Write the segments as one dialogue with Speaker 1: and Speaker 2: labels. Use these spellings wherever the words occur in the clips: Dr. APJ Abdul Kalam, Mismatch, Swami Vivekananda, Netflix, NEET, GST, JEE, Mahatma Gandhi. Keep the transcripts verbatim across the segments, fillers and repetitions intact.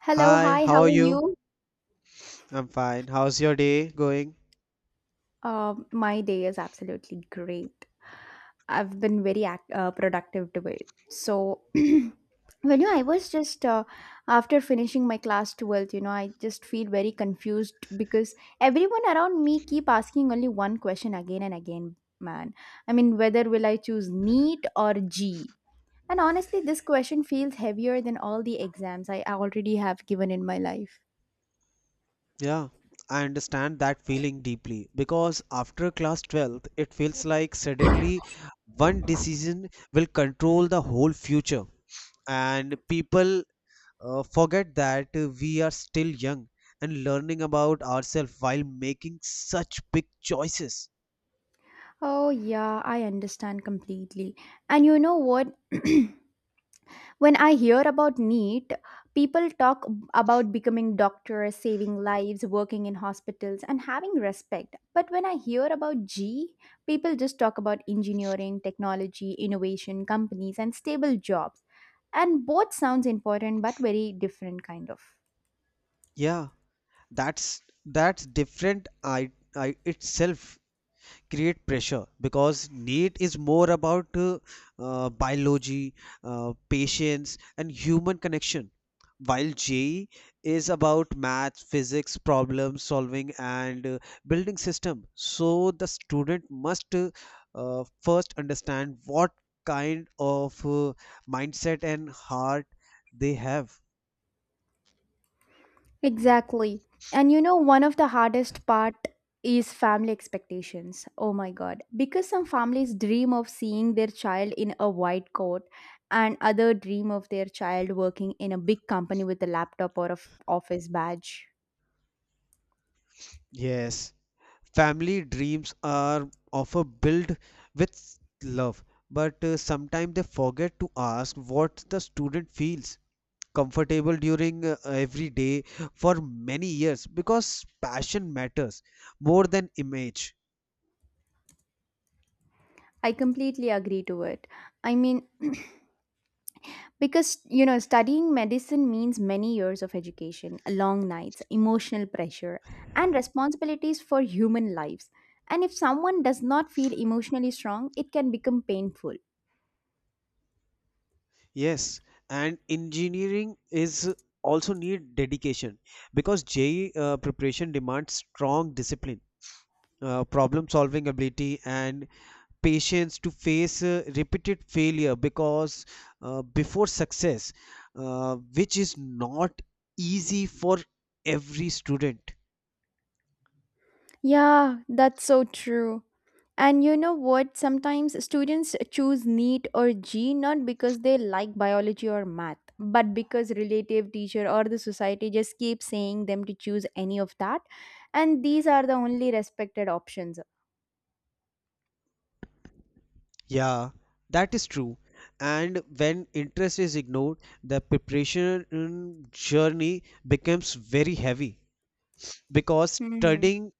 Speaker 1: Hello,
Speaker 2: Hi,
Speaker 1: hi,
Speaker 2: how
Speaker 1: how
Speaker 2: are
Speaker 1: are
Speaker 2: you?
Speaker 1: you?
Speaker 2: I'm fine. How's your day going?
Speaker 1: Um, my day is absolutely great. I've been very act- uh, productive today. So, when you, know, I was just uh, after finishing my class twelfth, you know, I just feel very confused because everyone around me keep asking only one question again and again, man. I mean, whether will I choose NEET or G? And honestly, this question feels heavier than all the exams I already have given in my life.
Speaker 2: Yeah, I understand that feeling deeply because after class twelfth, it feels like suddenly one decision will control the whole future, and people uh, forget that uh, we are still young and learning about ourselves while making such big choices.
Speaker 1: Oh, yeah, I understand completely. And you know what? When I hear about NEET, people talk about becoming doctors, saving lives, working in hospitals, and having respect. But when I hear about G, people just talk about engineering, technology, innovation, companies, and stable jobs. And both sounds important, but very different kind of.
Speaker 2: Yeah, that's that's different I, I itself create pressure because NEET is more about uh, uh, biology, uh, patience, and human connection, while J E E is about math, physics, problem solving, and uh, building system. So the student must uh, uh, first understand what kind of uh, mindset and heart they have.
Speaker 1: Exactly. And you know, one of the hardest part is family expectations. Oh my god. Because some families dream of seeing their child in a white coat and other dream of their child working in a big company with a laptop or a f- office badge.
Speaker 2: Yes. Family dreams are often built with love, but uh, sometimes they forget to ask what the student feels comfortable during uh, every day for many years because passion matters more than image.
Speaker 1: I completely agree to it. I mean, because you know studying medicine means many years of education, long nights, emotional pressure, and responsibilities for human lives, and if someone does not feel emotionally strong, it can become painful.
Speaker 2: Yes, and engineering is also need dedication because J E E uh, preparation demands strong discipline, uh, problem solving ability, and patience to face uh, repeated failure because uh, before success uh, which is not easy for every student.
Speaker 1: Yeah, that's so true. And you know what? Sometimes students choose NEET or G not because they like biology or math, but because relative, teacher, or the society just keep saying them to choose any of that. And these are the only respected options.
Speaker 2: Yeah, that is true, and when interest is ignored, the preparation mm, journey becomes very heavy because
Speaker 1: Hmm.
Speaker 2: studying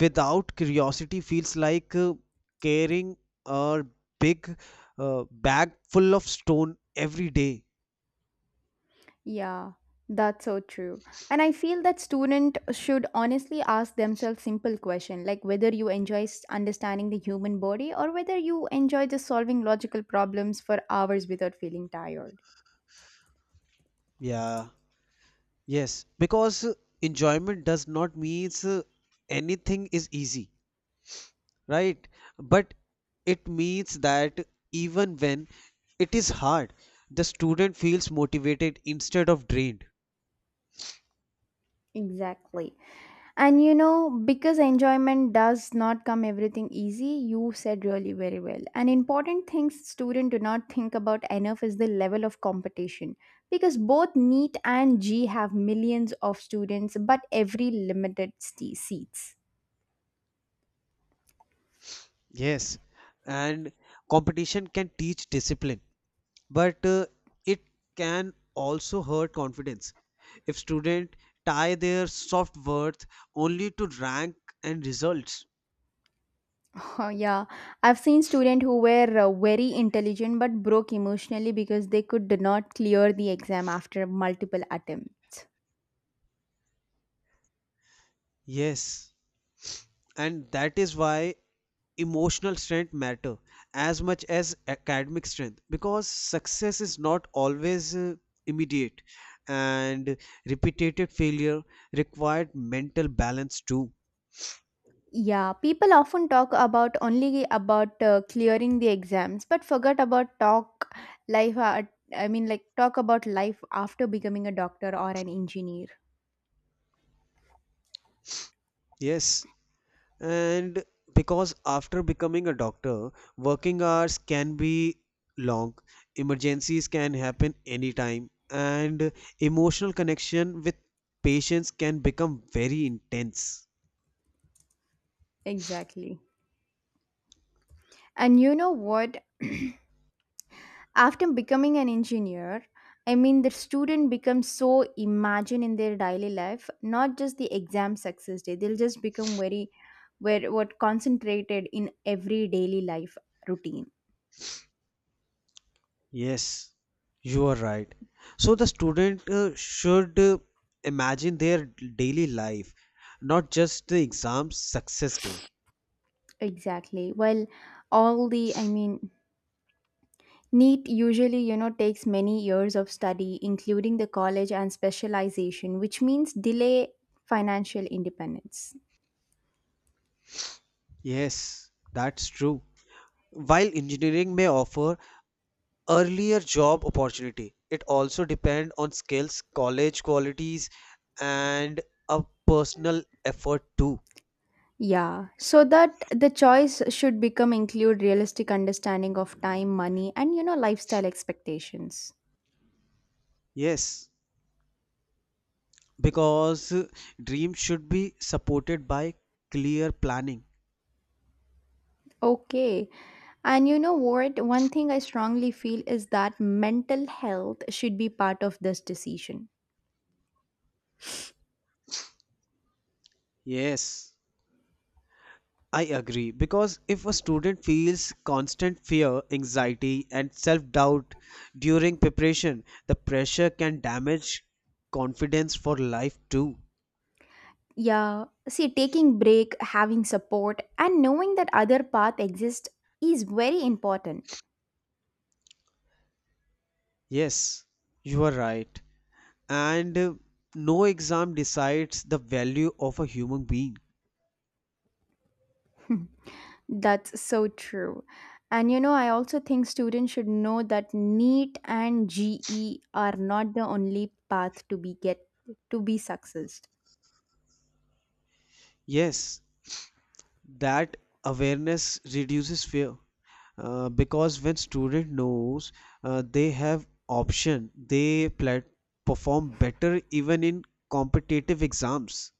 Speaker 2: without curiosity feels like uh, carrying a big uh, bag full of stone every day.
Speaker 1: Yeah, that's so true. And I feel that student should honestly ask themselves simple question like whether you enjoy s- understanding the human body or whether you enjoy just solving logical problems for hours without feeling tired.
Speaker 2: Yeah. Yes, because uh, enjoyment does not means uh, anything is easy, right? But it means that even when it is hard, the student feels motivated instead of drained.
Speaker 1: Exactly. And you know, because enjoyment does not come everything easy, you said really very well. An important thing students do not think about enough is the level of competition. Because both NEET and G have millions of students, but every limited st- seats.
Speaker 2: Yes, and competition can teach discipline, but uh, it can also hurt confidence. If student tie their soft worth only to rank and results.
Speaker 1: Oh, yeah, I've seen students who were uh, very intelligent but broke emotionally because they could not clear the exam after multiple attempts.
Speaker 2: Yes, and that is why emotional strength matter as much as academic strength because success is not always uh, immediate and repeated failure required mental balance too.
Speaker 1: Yeah, people often talk about only about uh, clearing the exams, but forget about talk life. Uh, I mean, like talk about life after becoming a doctor or an engineer.
Speaker 2: Yes, and because after becoming a doctor, working hours can be long, emergencies can happen anytime, and emotional connection with patients can become very intense.
Speaker 1: Exactly. And you know what? After becoming an engineer, I mean, the student becomes so imagine in their daily life, not just the exam success day. They'll just become very, very what concentrated in every daily life routine.
Speaker 2: Yes, you are right. So the student uh, should uh, imagine their daily life, not just the exam success day.
Speaker 1: Exactly. Well, all the I mean NEET usually, you know, takes many years of study, including the college and specialization, which means delay financial independence.
Speaker 2: Yes, that's true. While engineering may offer earlier job opportunity, it also depends on skills, college qualities, and a personal effort too.
Speaker 1: Yeah, so that the choice should become include realistic understanding of time, money, and you know, lifestyle expectations.
Speaker 2: Yes, because uh, dream should be supported by clear planning.
Speaker 1: Okay. And you know what? One thing I strongly feel is that mental health should be part of this decision.
Speaker 2: Yes. I agree because if a student feels constant fear, anxiety, and self doubt during preparation, the pressure can damage confidence for life too.
Speaker 1: Yeah, see, taking break, having support, and knowing that other path exists is very important.
Speaker 2: Yes, you are right. And uh, no exam decides the value of a human being.
Speaker 1: That's so true. And you know, I also think students should know that NEET and G E are not the only path to be get to be success.
Speaker 2: Yes, that awareness reduces fear uh, because when student knows uh, they have option they plat- perform better even in competitive exams.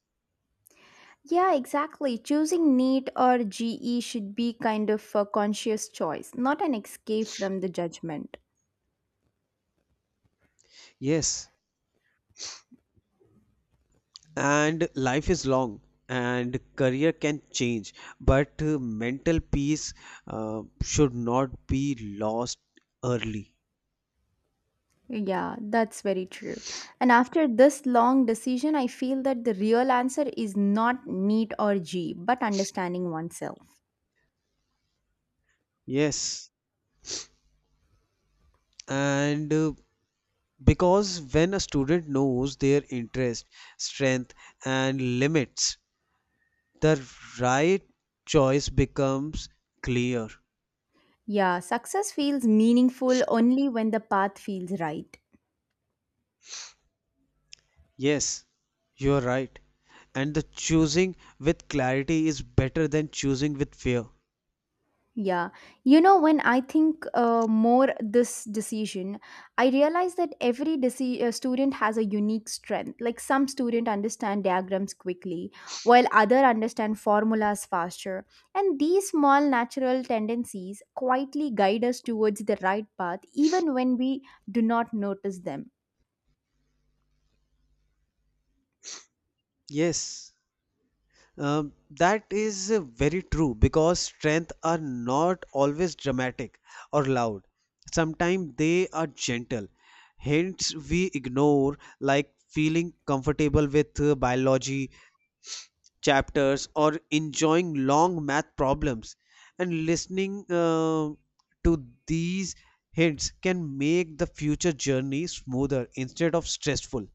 Speaker 1: Yeah, exactly. Choosing NEET or G E should be kind of a conscious choice, not an escape from the judgment.
Speaker 2: Yes, and life is long and career can change, but uh, mental peace uh, should not be lost early.
Speaker 1: Yeah, that's very true. And after this long decision, I feel that the real answer is not neat or G, but understanding oneself.
Speaker 2: Yes, and uh, because when a student knows their interest, strength, and limits, the right choice becomes clear.
Speaker 1: Yeah, success feels meaningful only when the path feels right.
Speaker 2: Yes, you are right. And the choosing with clarity is better than choosing with fear.
Speaker 1: Yeah. You know, when I think uh, more this decision, I realize that every deci- uh, student has a unique strength. Like some student understand diagrams quickly, while other understand formulas faster. And these small natural tendencies quietly guide us towards the right path even when we do not notice them.
Speaker 2: Yes, um, that is uh, very true because strengths are not always dramatic or loud. Sometimes they are gentle. Hints we ignore, like feeling comfortable with uh, biology chapters or enjoying long math problems, and listening uh, to these hints can make the future journey smoother instead of stressful.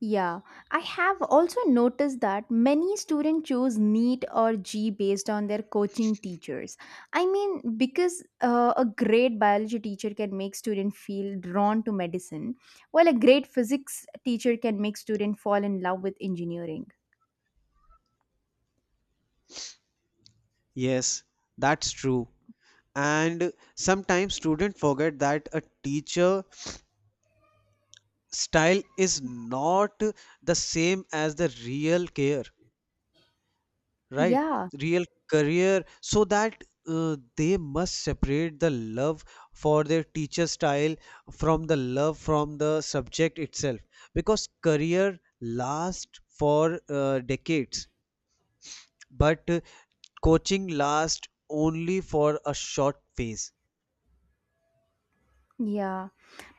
Speaker 1: Yeah, I have also noticed that many students choose NEET or G based on their coaching teachers. I mean, because uh, a great biology teacher can make student feel drawn to medicine, while a great physics teacher can make student fall in love with engineering.
Speaker 2: Yes, that's true, and sometimes students forget that a teacher style is not the same as the real care, right?
Speaker 1: Yeah,
Speaker 2: Real career, so that uh, they must separate the love for their teacher style from the love from the subject itself, because career lasts for uh, decades, but uh, coaching lasts only for a short phase.
Speaker 1: yeah.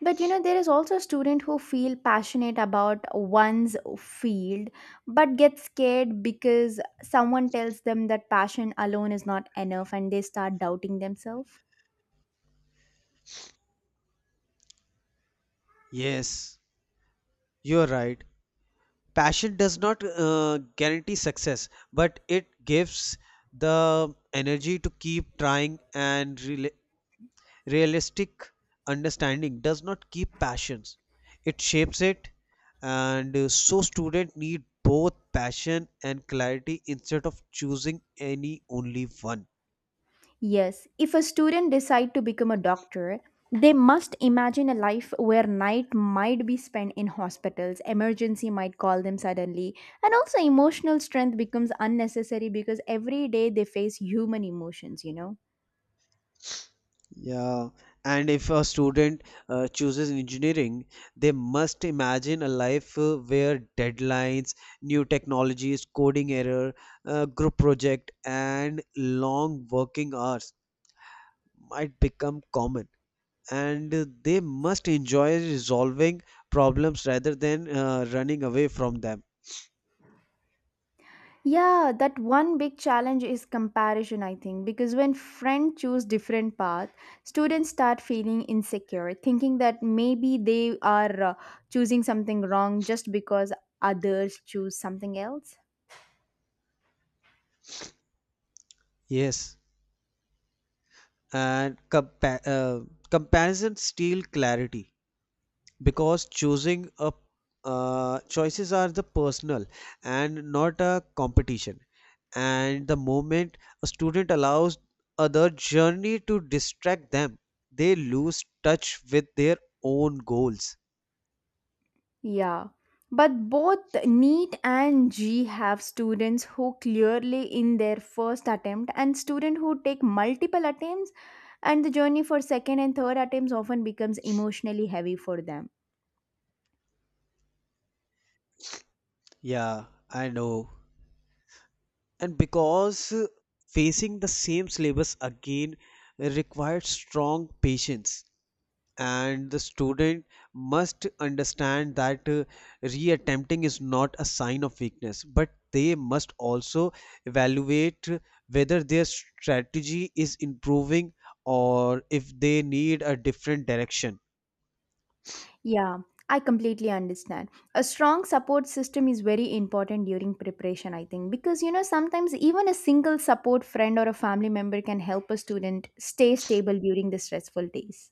Speaker 1: But you know, there is also a student who feel passionate about one's field, but get scared because someone tells them that passion alone is not enough and they start doubting themselves.
Speaker 2: Yes, you're right. Passion does not uh, guarantee success, but it gives the energy to keep trying and rela realistic understanding does not keep passions, it shapes it. And uh, so student need both passion and clarity instead of choosing any only one.
Speaker 1: Yes, if a student decide to become a doctor, they must imagine a life where night might be spent in hospitals, emergency might call them suddenly, and also emotional strength becomes unnecessary because every day they face human emotions, you know.
Speaker 2: Yeah, and if a student uh, chooses engineering, they must imagine a life uh, where deadlines, new technologies, coding error, uh, group project, and long working hours might become common. And uh, they must enjoy resolving problems rather than uh, running away from them.
Speaker 1: Yeah, that one big challenge is comparison, I think, because when friends choose different path, students start feeling insecure, thinking that maybe they are uh, choosing something wrong just because others choose something else.
Speaker 2: Yes, and compa- uh, comparison steal clarity because choosing a uh, choices are the personal and not a competition. And the moment a student allows other journey to distract them, they lose touch with their own goals.
Speaker 1: Yeah. But both NEET and G have students who clearly in their first attempt and student who take multiple attempts, and the journey for second and third attempts often becomes emotionally heavy for them.
Speaker 2: Yeah, I know. And because uh, facing the same syllabus again required strong patience, and the student must understand that uh, reattempting is not a sign of weakness, but they must also evaluate whether their strategy is improving or if they need a different direction.
Speaker 1: Yeah, I completely understand. A strong support system is very important during preparation, I think, because you know, sometimes even a single support friend or a family member can help a student stay stable during the stressful days.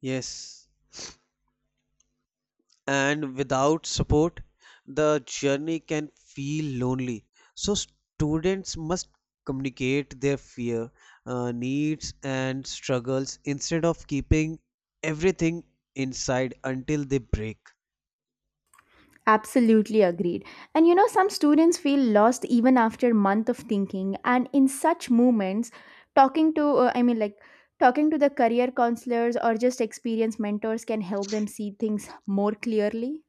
Speaker 2: Yes, and without support, the journey can feel lonely, so students must communicate their fear, uh, needs, and struggles instead of keeping everything inside until they break.
Speaker 1: Absolutely agreed. And you know, some students feel lost even after a month of thinking. And in such moments, talking to, uh, I mean, like, talking to the career counselors or just experienced mentors can help them see things more clearly.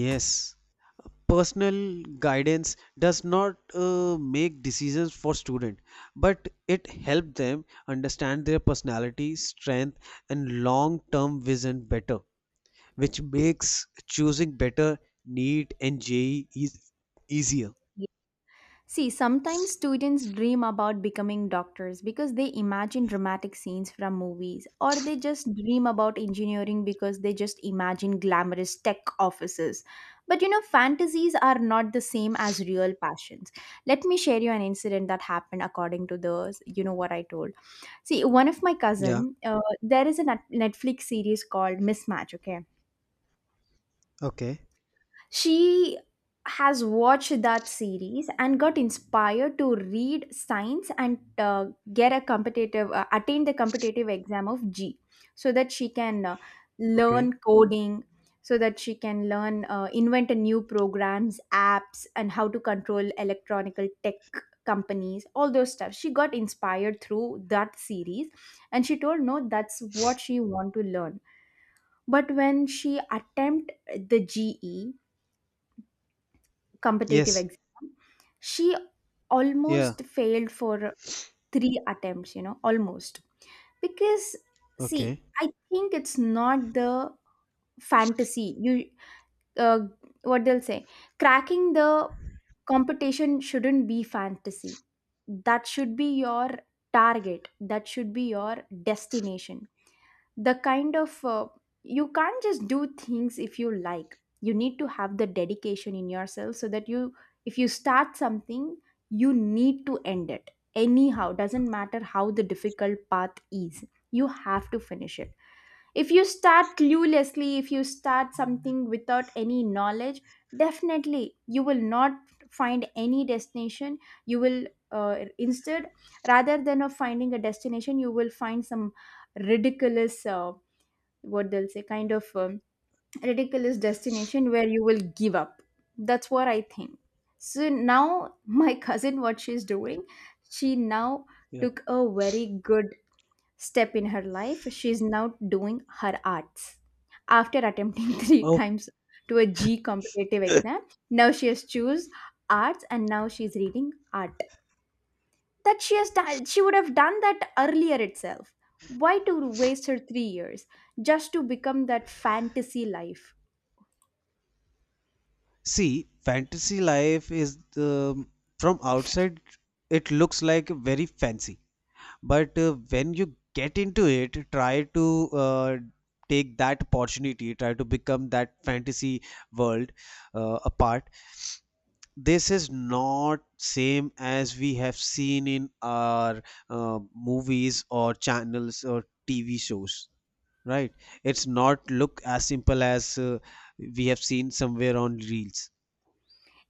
Speaker 2: Yes, personal guidance does not uh, make decisions for student, but it helps them understand their personality strength and long term vision better, which makes choosing better NEET and J E E is easier.
Speaker 1: See, sometimes students dream about becoming doctors because they imagine dramatic scenes from movies, or they just dream about engineering because they just imagine glamorous tech offices. But you know, fantasies are not the same as real passions. Let me share you an incident that happened according to the, you know, what I told. See, one of my
Speaker 2: Yeah.
Speaker 1: cousin, uh, there is a Net- Netflix series called Mismatch, okay?
Speaker 2: Okay.
Speaker 1: She has watched that series and got inspired to read science and uh, get a competitive uh, attain the competitive exam of G so that she can uh,
Speaker 2: Okay.
Speaker 1: learn coding, so that she can learn uh, invent a new programs, apps, and how to control electronical tech companies, all those stuff. She got inspired through that series, and she told no, that's what she want to learn. But when she attempt the ge competitive
Speaker 2: Yes.
Speaker 1: exam, she
Speaker 2: Yeah.
Speaker 1: almost failed for three attempts, you know, almost. Because, see,
Speaker 2: Okay.
Speaker 1: I think it's not the fantasy. You uh, what they'll say, cracking the competition shouldn't be fantasy. That should be your target, that should be your destination. The kind of uh, you can't just do things if you like. You need to have the dedication in yourself, so that you, if you start something, you need to end it anyhow. Doesn't matter how the difficult path is, you have to finish it. If you start cluelessly, if you start something without any knowledge, definitely you will not find any destination. You will uh, instead, rather than of finding a destination, you will find some ridiculous uh, what they'll say, kind of um, ridiculous destination where you will give up. That's what I think. So now my cousin, what she's doing, she now
Speaker 2: Yeah.
Speaker 1: took a very good step in her life. She's now doing her arts after attempting three
Speaker 2: Oh,
Speaker 1: times to a g competitive exam. Now she has choose arts, and now she's reading art that she has done. She would have done that earlier itself. Why to waste her three years just to become that fantasy life?
Speaker 2: see, fantasy life is the from outside it looks like very fancy, but uh, when you get into it, try to uh, take that opportunity, try to become that fantasy world uh, apart. This is not same as we have seen in our uh, movies or channels or tv shows, right? It's not look as simple as uh, we have seen somewhere on reels.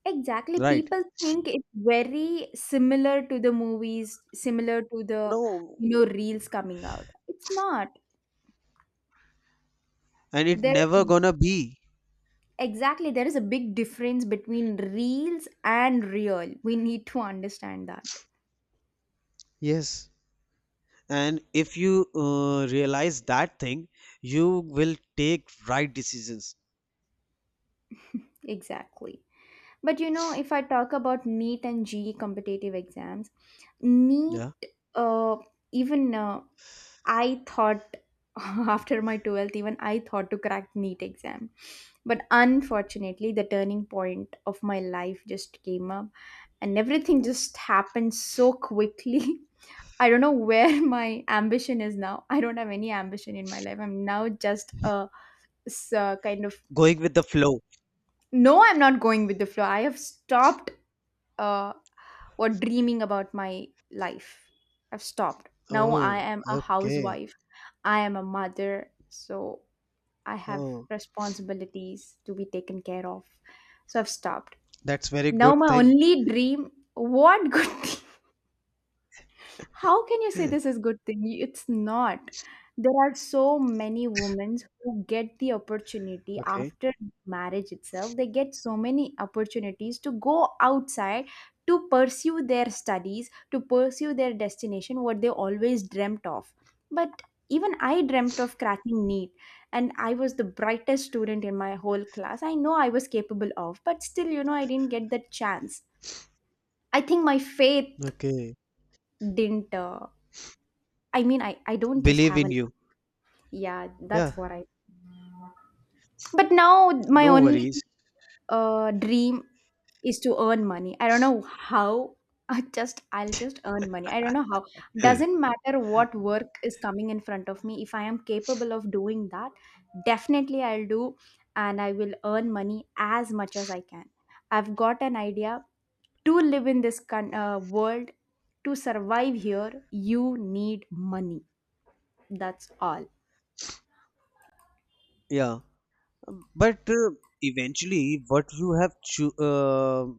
Speaker 1: Exactly,
Speaker 2: Right.
Speaker 1: people think it's very similar to the movies, similar to the
Speaker 2: No,
Speaker 1: you know reels coming out. It's not.
Speaker 2: and it
Speaker 1: there's
Speaker 2: never
Speaker 1: a,
Speaker 2: gonna be.
Speaker 1: exactly, there is a big difference between reels and real. We need to understand that.
Speaker 2: Yes, and if you uh, realize that thing, you will take right decisions.
Speaker 1: Exactly. But you know, if I talk about NEET and G E competitive exams, NEET,
Speaker 2: Yeah,
Speaker 1: uh, even uh, I thought after my twelfth, even I thought to crack NEET exam. But unfortunately, the turning point of my life just came up and everything just happened so quickly. I don't know where my ambition is now. I don't have any ambition in my life. I'm now just a s- uh, kind of
Speaker 2: going with the flow.
Speaker 1: no, I'm not going with the flow. I have stopped uh, or dreaming about my life. I've stopped. Now I
Speaker 2: Oh,
Speaker 1: am a
Speaker 2: okay.
Speaker 1: housewife. I am a mother. So I have
Speaker 2: Oh,
Speaker 1: responsibilities to be taken care of. So I've stopped.
Speaker 2: that's very
Speaker 1: Now
Speaker 2: good
Speaker 1: my
Speaker 2: thing.
Speaker 1: only dream what good. How can you say this is good thing? It's not. There are so many women who get the opportunity
Speaker 2: Okay.
Speaker 1: after marriage itself. They get so many opportunities to go outside, to pursue their studies, to pursue their destination, what they always dreamt of. But even I dreamt of cracking NEET, and I was the brightest student in my whole class. I know I was capable of, but still, you know, I didn't get that chance. I think my faith
Speaker 2: Okay.
Speaker 1: didn't uh, I mean, I, I don't just
Speaker 2: Believe
Speaker 1: have
Speaker 2: in
Speaker 1: a,
Speaker 2: you.
Speaker 1: yeah,
Speaker 2: Yeah.
Speaker 1: that's what I, but now my
Speaker 2: No
Speaker 1: only
Speaker 2: worries.
Speaker 1: uh, dream is to earn money. I don't know how. I just I'll just earn money. I don't know how. Doesn't matter what work is coming in front of me. If I am capable of doing that, definitely I'll do and I will earn money as much as I can. I've got an idea to live in this con- uh, world, to survive here, you need money. That's all.
Speaker 2: Yeah. Um, But uh, eventually, what you have cho- uh,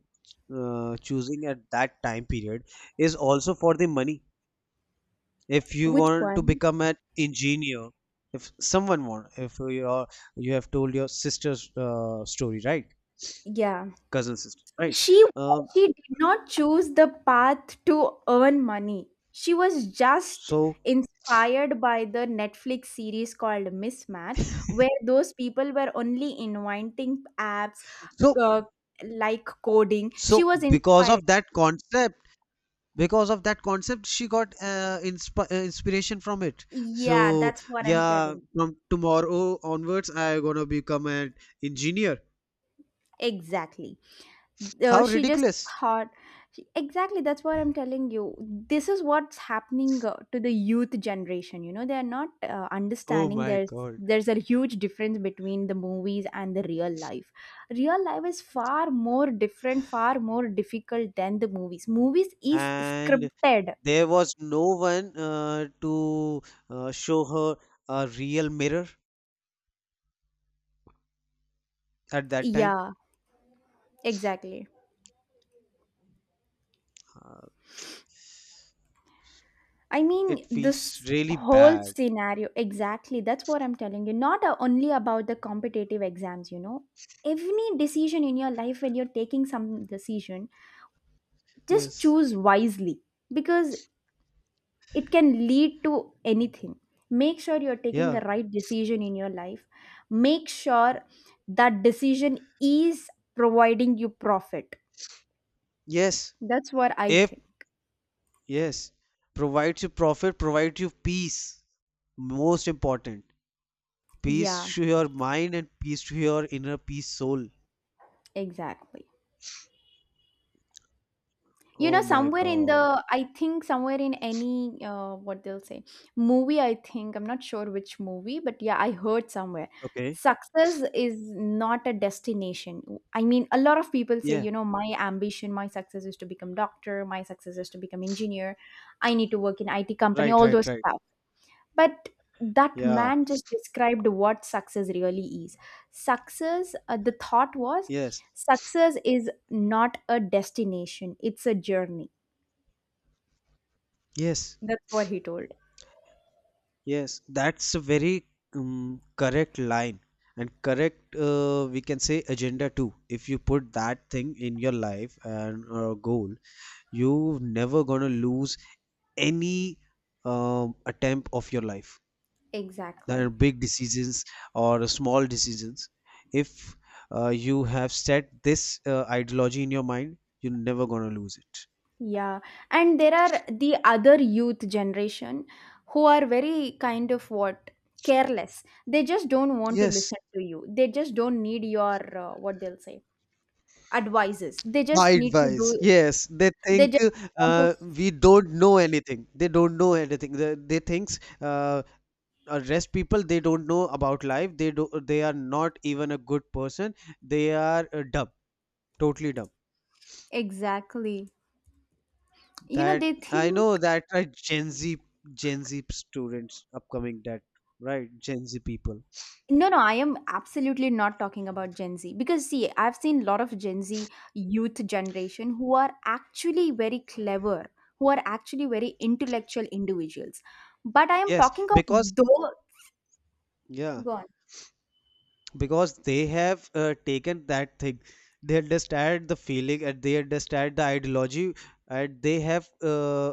Speaker 2: uh, choosing at that time period is also for the money. If you
Speaker 1: Which
Speaker 2: want to
Speaker 1: one?
Speaker 2: become an engineer, if someone want, if you are, you have told your sister's uh, story, right?
Speaker 1: Yeah.
Speaker 2: Cousin sister, right?
Speaker 1: She
Speaker 2: Um,
Speaker 1: she did not choose the path to earn money. She was just
Speaker 2: so,
Speaker 1: inspired by the Netflix series called Mismatch, where those people were only inventing apps
Speaker 2: so,
Speaker 1: uh, like coding. She
Speaker 2: so
Speaker 1: was
Speaker 2: because
Speaker 1: inspired.
Speaker 2: of that concept. Because of that concept she got uh, insp- uh, inspiration from it. So
Speaker 1: Yeah, that's what I'm
Speaker 2: yeah,
Speaker 1: telling.
Speaker 2: from tomorrow onwards I gonna become an engineer.
Speaker 1: Exactly. Uh,
Speaker 2: How
Speaker 1: she just
Speaker 2: ridiculous.
Speaker 1: thought she- exactly, that's what I'm telling you. This is what's happening uh, to the youth generation, you know, they're not uh,
Speaker 2: Oh
Speaker 1: understanding.
Speaker 2: my
Speaker 1: there's
Speaker 2: god.
Speaker 1: there's a huge difference between the movies and the real life. Real life is far more different, far more difficult than the movies. Movies is
Speaker 2: And
Speaker 1: scripted.
Speaker 2: there was no one uh, to uh, show her a real mirror at that time.
Speaker 1: Yeah, exactly.
Speaker 2: uh,
Speaker 1: I
Speaker 2: it
Speaker 1: mean,
Speaker 2: feels
Speaker 1: this
Speaker 2: really
Speaker 1: whole
Speaker 2: bad.
Speaker 1: scenario, exactly. That's what I'm telling you. Not uh, only about the competitive exams, you know. Every decision in your life, when you're taking some decision, just
Speaker 2: Yes.
Speaker 1: choose wisely, because it can lead to anything. Make sure you're taking
Speaker 2: Yeah.
Speaker 1: the right decision in your life. Make sure that decision is providing you profit.
Speaker 2: Yes.
Speaker 1: That's what I
Speaker 2: If.
Speaker 1: think.
Speaker 2: Yes, provides you profit, provides you peace, most important.
Speaker 1: Yeah,
Speaker 2: Peace to your mind and peace to your inner peace soul.
Speaker 1: exactly. You
Speaker 2: Oh
Speaker 1: know,
Speaker 2: my
Speaker 1: somewhere in the,
Speaker 2: God.
Speaker 1: I think somewhere in any uh, what they'll say movie, I think, I'm not sure which movie, but yeah, I heard somewhere
Speaker 2: Okay.
Speaker 1: success is not a destination. I mean, a lot of people say,
Speaker 2: Yeah.
Speaker 1: you know, my ambition, my success is to become doctor, my success is to become engineer, I need to work in IT company,
Speaker 2: Right,
Speaker 1: all
Speaker 2: right,
Speaker 1: those
Speaker 2: right.
Speaker 1: stuff. But that
Speaker 2: Yeah.
Speaker 1: man just described what success really is. Success uh, the thought was,
Speaker 2: Yes.
Speaker 1: success is not a destination, it's a journey.
Speaker 2: Yes.
Speaker 1: That's what he told.
Speaker 2: Yes. That's a very um, correct line and correct, uh, we can say, agenda too. If you put that thing in your life and uh, goal, you never gonna lose any um, attempt of your life. There are
Speaker 1: Exactly.
Speaker 2: big decisions or small decisions, if uh, you have set this uh, ideology in your mind you're never gonna lose it.
Speaker 1: Yeah. And there are the other youth generation who are very kind of what? Careless. They just don't want to
Speaker 2: Yes,
Speaker 1: listen to you. They just don't need your, uh, what they'll say, advices. They just
Speaker 2: hide
Speaker 1: need to
Speaker 2: wise,
Speaker 1: do,
Speaker 2: yes they
Speaker 1: they
Speaker 2: think,
Speaker 1: just want
Speaker 2: uh,
Speaker 1: to.
Speaker 2: we don't know anything, they don't know anything, they, they thinks uh, uh, rest people they don't know about life, they do, they are not even a good person, they are uh, dumb, totally dumb.
Speaker 1: Exactly. You know,
Speaker 2: That
Speaker 1: they
Speaker 2: I know,
Speaker 1: think,
Speaker 2: that right Gen Z, Gen Z students upcoming, that right Gen Z people.
Speaker 1: no, no, I am absolutely not talking about Gen Z, because see, I've seen a lot of Gen Z youth generation who are actually very clever, who are actually very intellectual individuals. But I am
Speaker 2: Yes,
Speaker 1: talking of
Speaker 2: because
Speaker 1: those
Speaker 2: yeah,
Speaker 1: gone.
Speaker 2: because they have uh, taken that thing. They understand the feeling and they understand the ideology, and they have uh,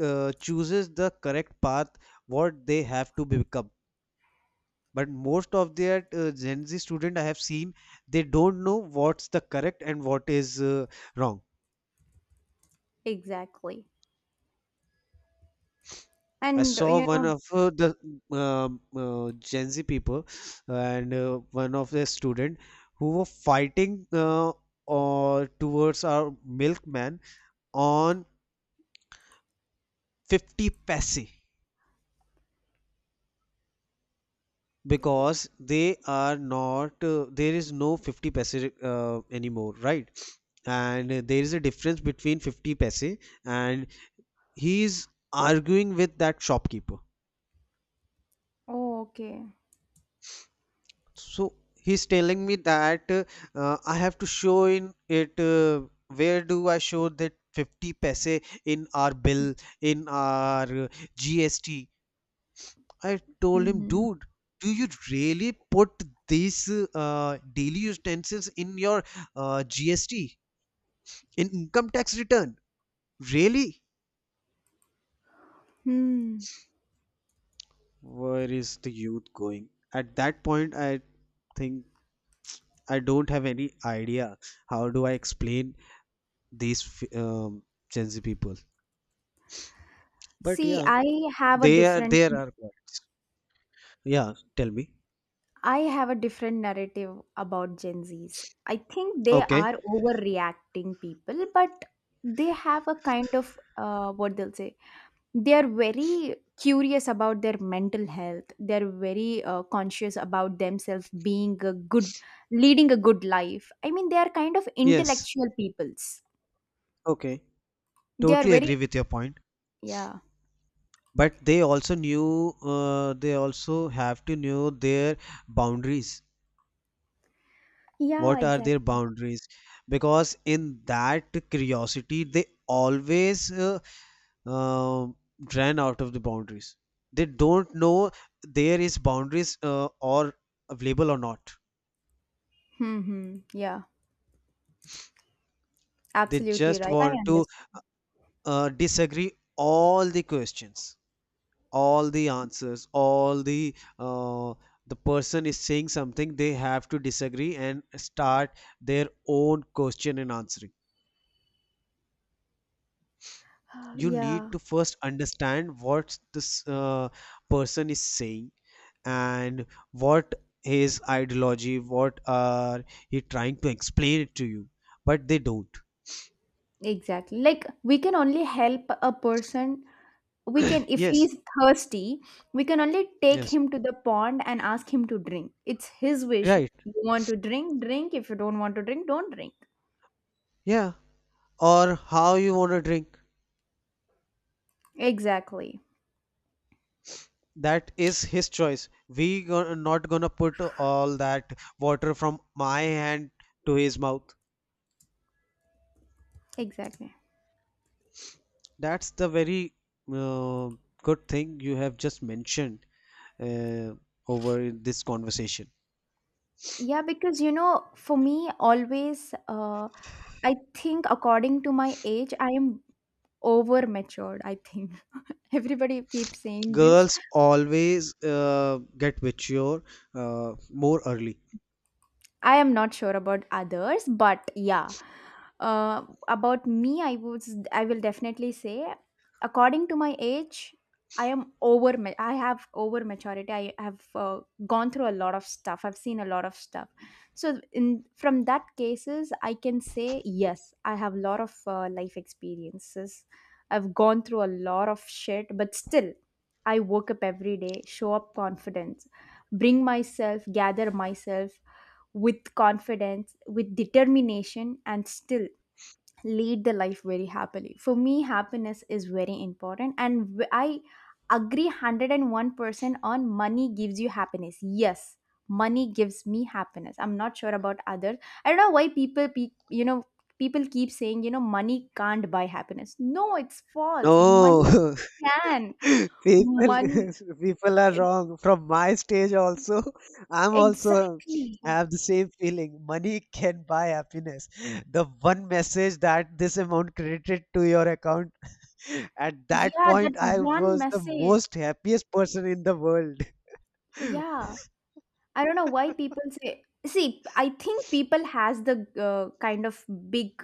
Speaker 2: uh, chooses the correct path what they have to become. But most of their uh, Gen Z student I have seen, they don't know what's the correct and what is uh, wrong.
Speaker 1: Exactly.
Speaker 2: I
Speaker 1: And
Speaker 2: saw
Speaker 1: you
Speaker 2: one
Speaker 1: know,
Speaker 2: of uh, the um uh, Gen Z people and uh, one of the student who were fighting uh, or towards our milkman on fifty paise because they are not uh, there is no fifty paise uh, anymore, right? And uh, there is a difference between fifty paise and he is arguing with that shopkeeper.
Speaker 1: oh, okay.
Speaker 2: So he's telling me that uh, I have to show in it. Uh, where do I show that fifty paise in our bill, in our uh, G S T? I told him,
Speaker 1: Hmm.
Speaker 2: dude, do you really put these uh, daily utensils in your uh, G S T, in income tax return? Really?
Speaker 1: Hmm.
Speaker 2: Where is the youth going? At that point, I think I don't have any idea. How do I explain these f- um, Gen Z people. But
Speaker 1: See,
Speaker 2: yeah,
Speaker 1: I have a
Speaker 2: they are
Speaker 1: different,
Speaker 2: there are quite. Yeah, tell me.
Speaker 1: I have a different narrative about Gen Zs. I think they
Speaker 2: Okay.
Speaker 1: are overreacting people, but they have a kind of uh, what they'll say. They are very curious about their mental health. They're very uh, conscious about themselves being a good, leading a good life. I mean, they are kind of
Speaker 2: Yes.
Speaker 1: intellectual peoples.
Speaker 2: Okay.
Speaker 1: They are
Speaker 2: Totally
Speaker 1: very,
Speaker 2: agree with your point.
Speaker 1: yeah.
Speaker 2: But they also knew. Uh, they also have to know their boundaries.
Speaker 1: Yeah,
Speaker 2: What are their
Speaker 1: exactly.
Speaker 2: boundaries? Because in that curiosity, they always uh, um ran out of the boundaries. They don't know there is boundaries uh, or available or not.
Speaker 1: Mm-hmm. Yeah,
Speaker 2: They
Speaker 1: absolutely
Speaker 2: just
Speaker 1: right. I
Speaker 2: want to
Speaker 1: understand.
Speaker 2: uh, disagree all the questions, all the answers, all the uh, the person is saying something, they have to disagree and start their own question and answering.
Speaker 1: Uh,
Speaker 2: You need
Speaker 1: Yeah,
Speaker 2: to first understand what this uh, person is saying and what his ideology, what are he trying to explain it to you, but they don't.
Speaker 1: exactly. Like we can only help a person, we can, if
Speaker 2: Yes.
Speaker 1: he's thirsty, we can only take
Speaker 2: Yes,
Speaker 1: him to the pond and ask him to drink. It's his wish.
Speaker 2: right.
Speaker 1: You want to drink, drink. If you don't want to drink, don't drink.
Speaker 2: Yeah, or how you want to drink.
Speaker 1: Exactly.
Speaker 2: That is his choice. We go- not gonna put all that water from my hand to his mouth.
Speaker 1: Exactly.
Speaker 2: That's the very uh, good thing you have just mentioned uh, over this conversation.
Speaker 1: Yeah, because you know, for me always, uh, I think according to my age I am over matured, I think. Everybody keeps saying this.
Speaker 2: Girls always uh, get mature uh, more early.
Speaker 1: I am not sure about others, but yeah. Uh, about me, I would I will definitely say, according to my age, I am over. ma- I have over maturity. I have uh, gone through a lot of stuff. I've seen a lot of stuff. So in from that cases, I can say yes, I have a lot of uh, life experiences. I've gone through a lot of shit, but still, I woke up every day, show up confident, bring myself, gather myself with confidence, with determination, and still lead the life very happily. For me, happiness is very important, and w- I agree one hundred one percent on money gives you happiness. Yes, money gives me happiness. I'm not sure about others. I don't know why people, pe- you know, people keep saying, you know, money can't buy happiness. No, it's false. Money
Speaker 2: No,
Speaker 1: can.
Speaker 2: people
Speaker 1: Money,
Speaker 2: people are
Speaker 1: e,
Speaker 2: wrong, from my stage also, I'm also
Speaker 1: exactly.
Speaker 2: have the same feeling, money can buy happiness. Mm. The one message that this amount credited to your account, at that
Speaker 1: Yeah, that
Speaker 2: point I
Speaker 1: one
Speaker 2: was the
Speaker 1: message.
Speaker 2: most happiest person in the world.
Speaker 1: Yeah. I don't know why people say. See, I think people has the uh, kind of big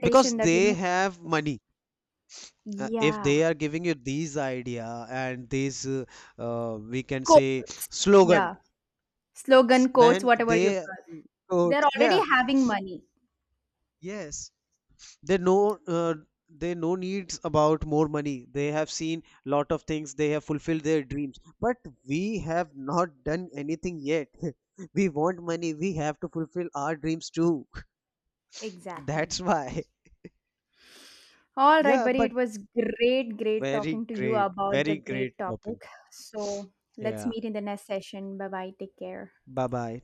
Speaker 2: Because
Speaker 1: that you
Speaker 2: they
Speaker 1: know.
Speaker 2: have money. Uh, if
Speaker 1: Yeah,
Speaker 2: they are giving you these idea and these uh, uh, we can
Speaker 1: quote,
Speaker 2: say slogan,
Speaker 1: yeah,
Speaker 2: s-
Speaker 1: slogan quotes,
Speaker 2: then
Speaker 1: whatever you
Speaker 2: they,
Speaker 1: call.
Speaker 2: oh,
Speaker 1: They're already
Speaker 2: yeah,
Speaker 1: having money.
Speaker 2: yes they know, uh, they know needs about more money, they have seen lot of things, they have fulfilled their dreams, but we have not done anything yet. We want money, we have to fulfill our dreams too.
Speaker 1: Exactly.
Speaker 2: That's why.
Speaker 1: All right,
Speaker 2: Yeah,
Speaker 1: buddy.
Speaker 2: but
Speaker 1: It was great, great
Speaker 2: very
Speaker 1: talking to you
Speaker 2: great,
Speaker 1: about
Speaker 2: very
Speaker 1: the
Speaker 2: great
Speaker 1: great
Speaker 2: topic.
Speaker 1: topic. So let's
Speaker 2: Yeah,
Speaker 1: meet in the next session. Bye bye. Take care.
Speaker 2: bye bye.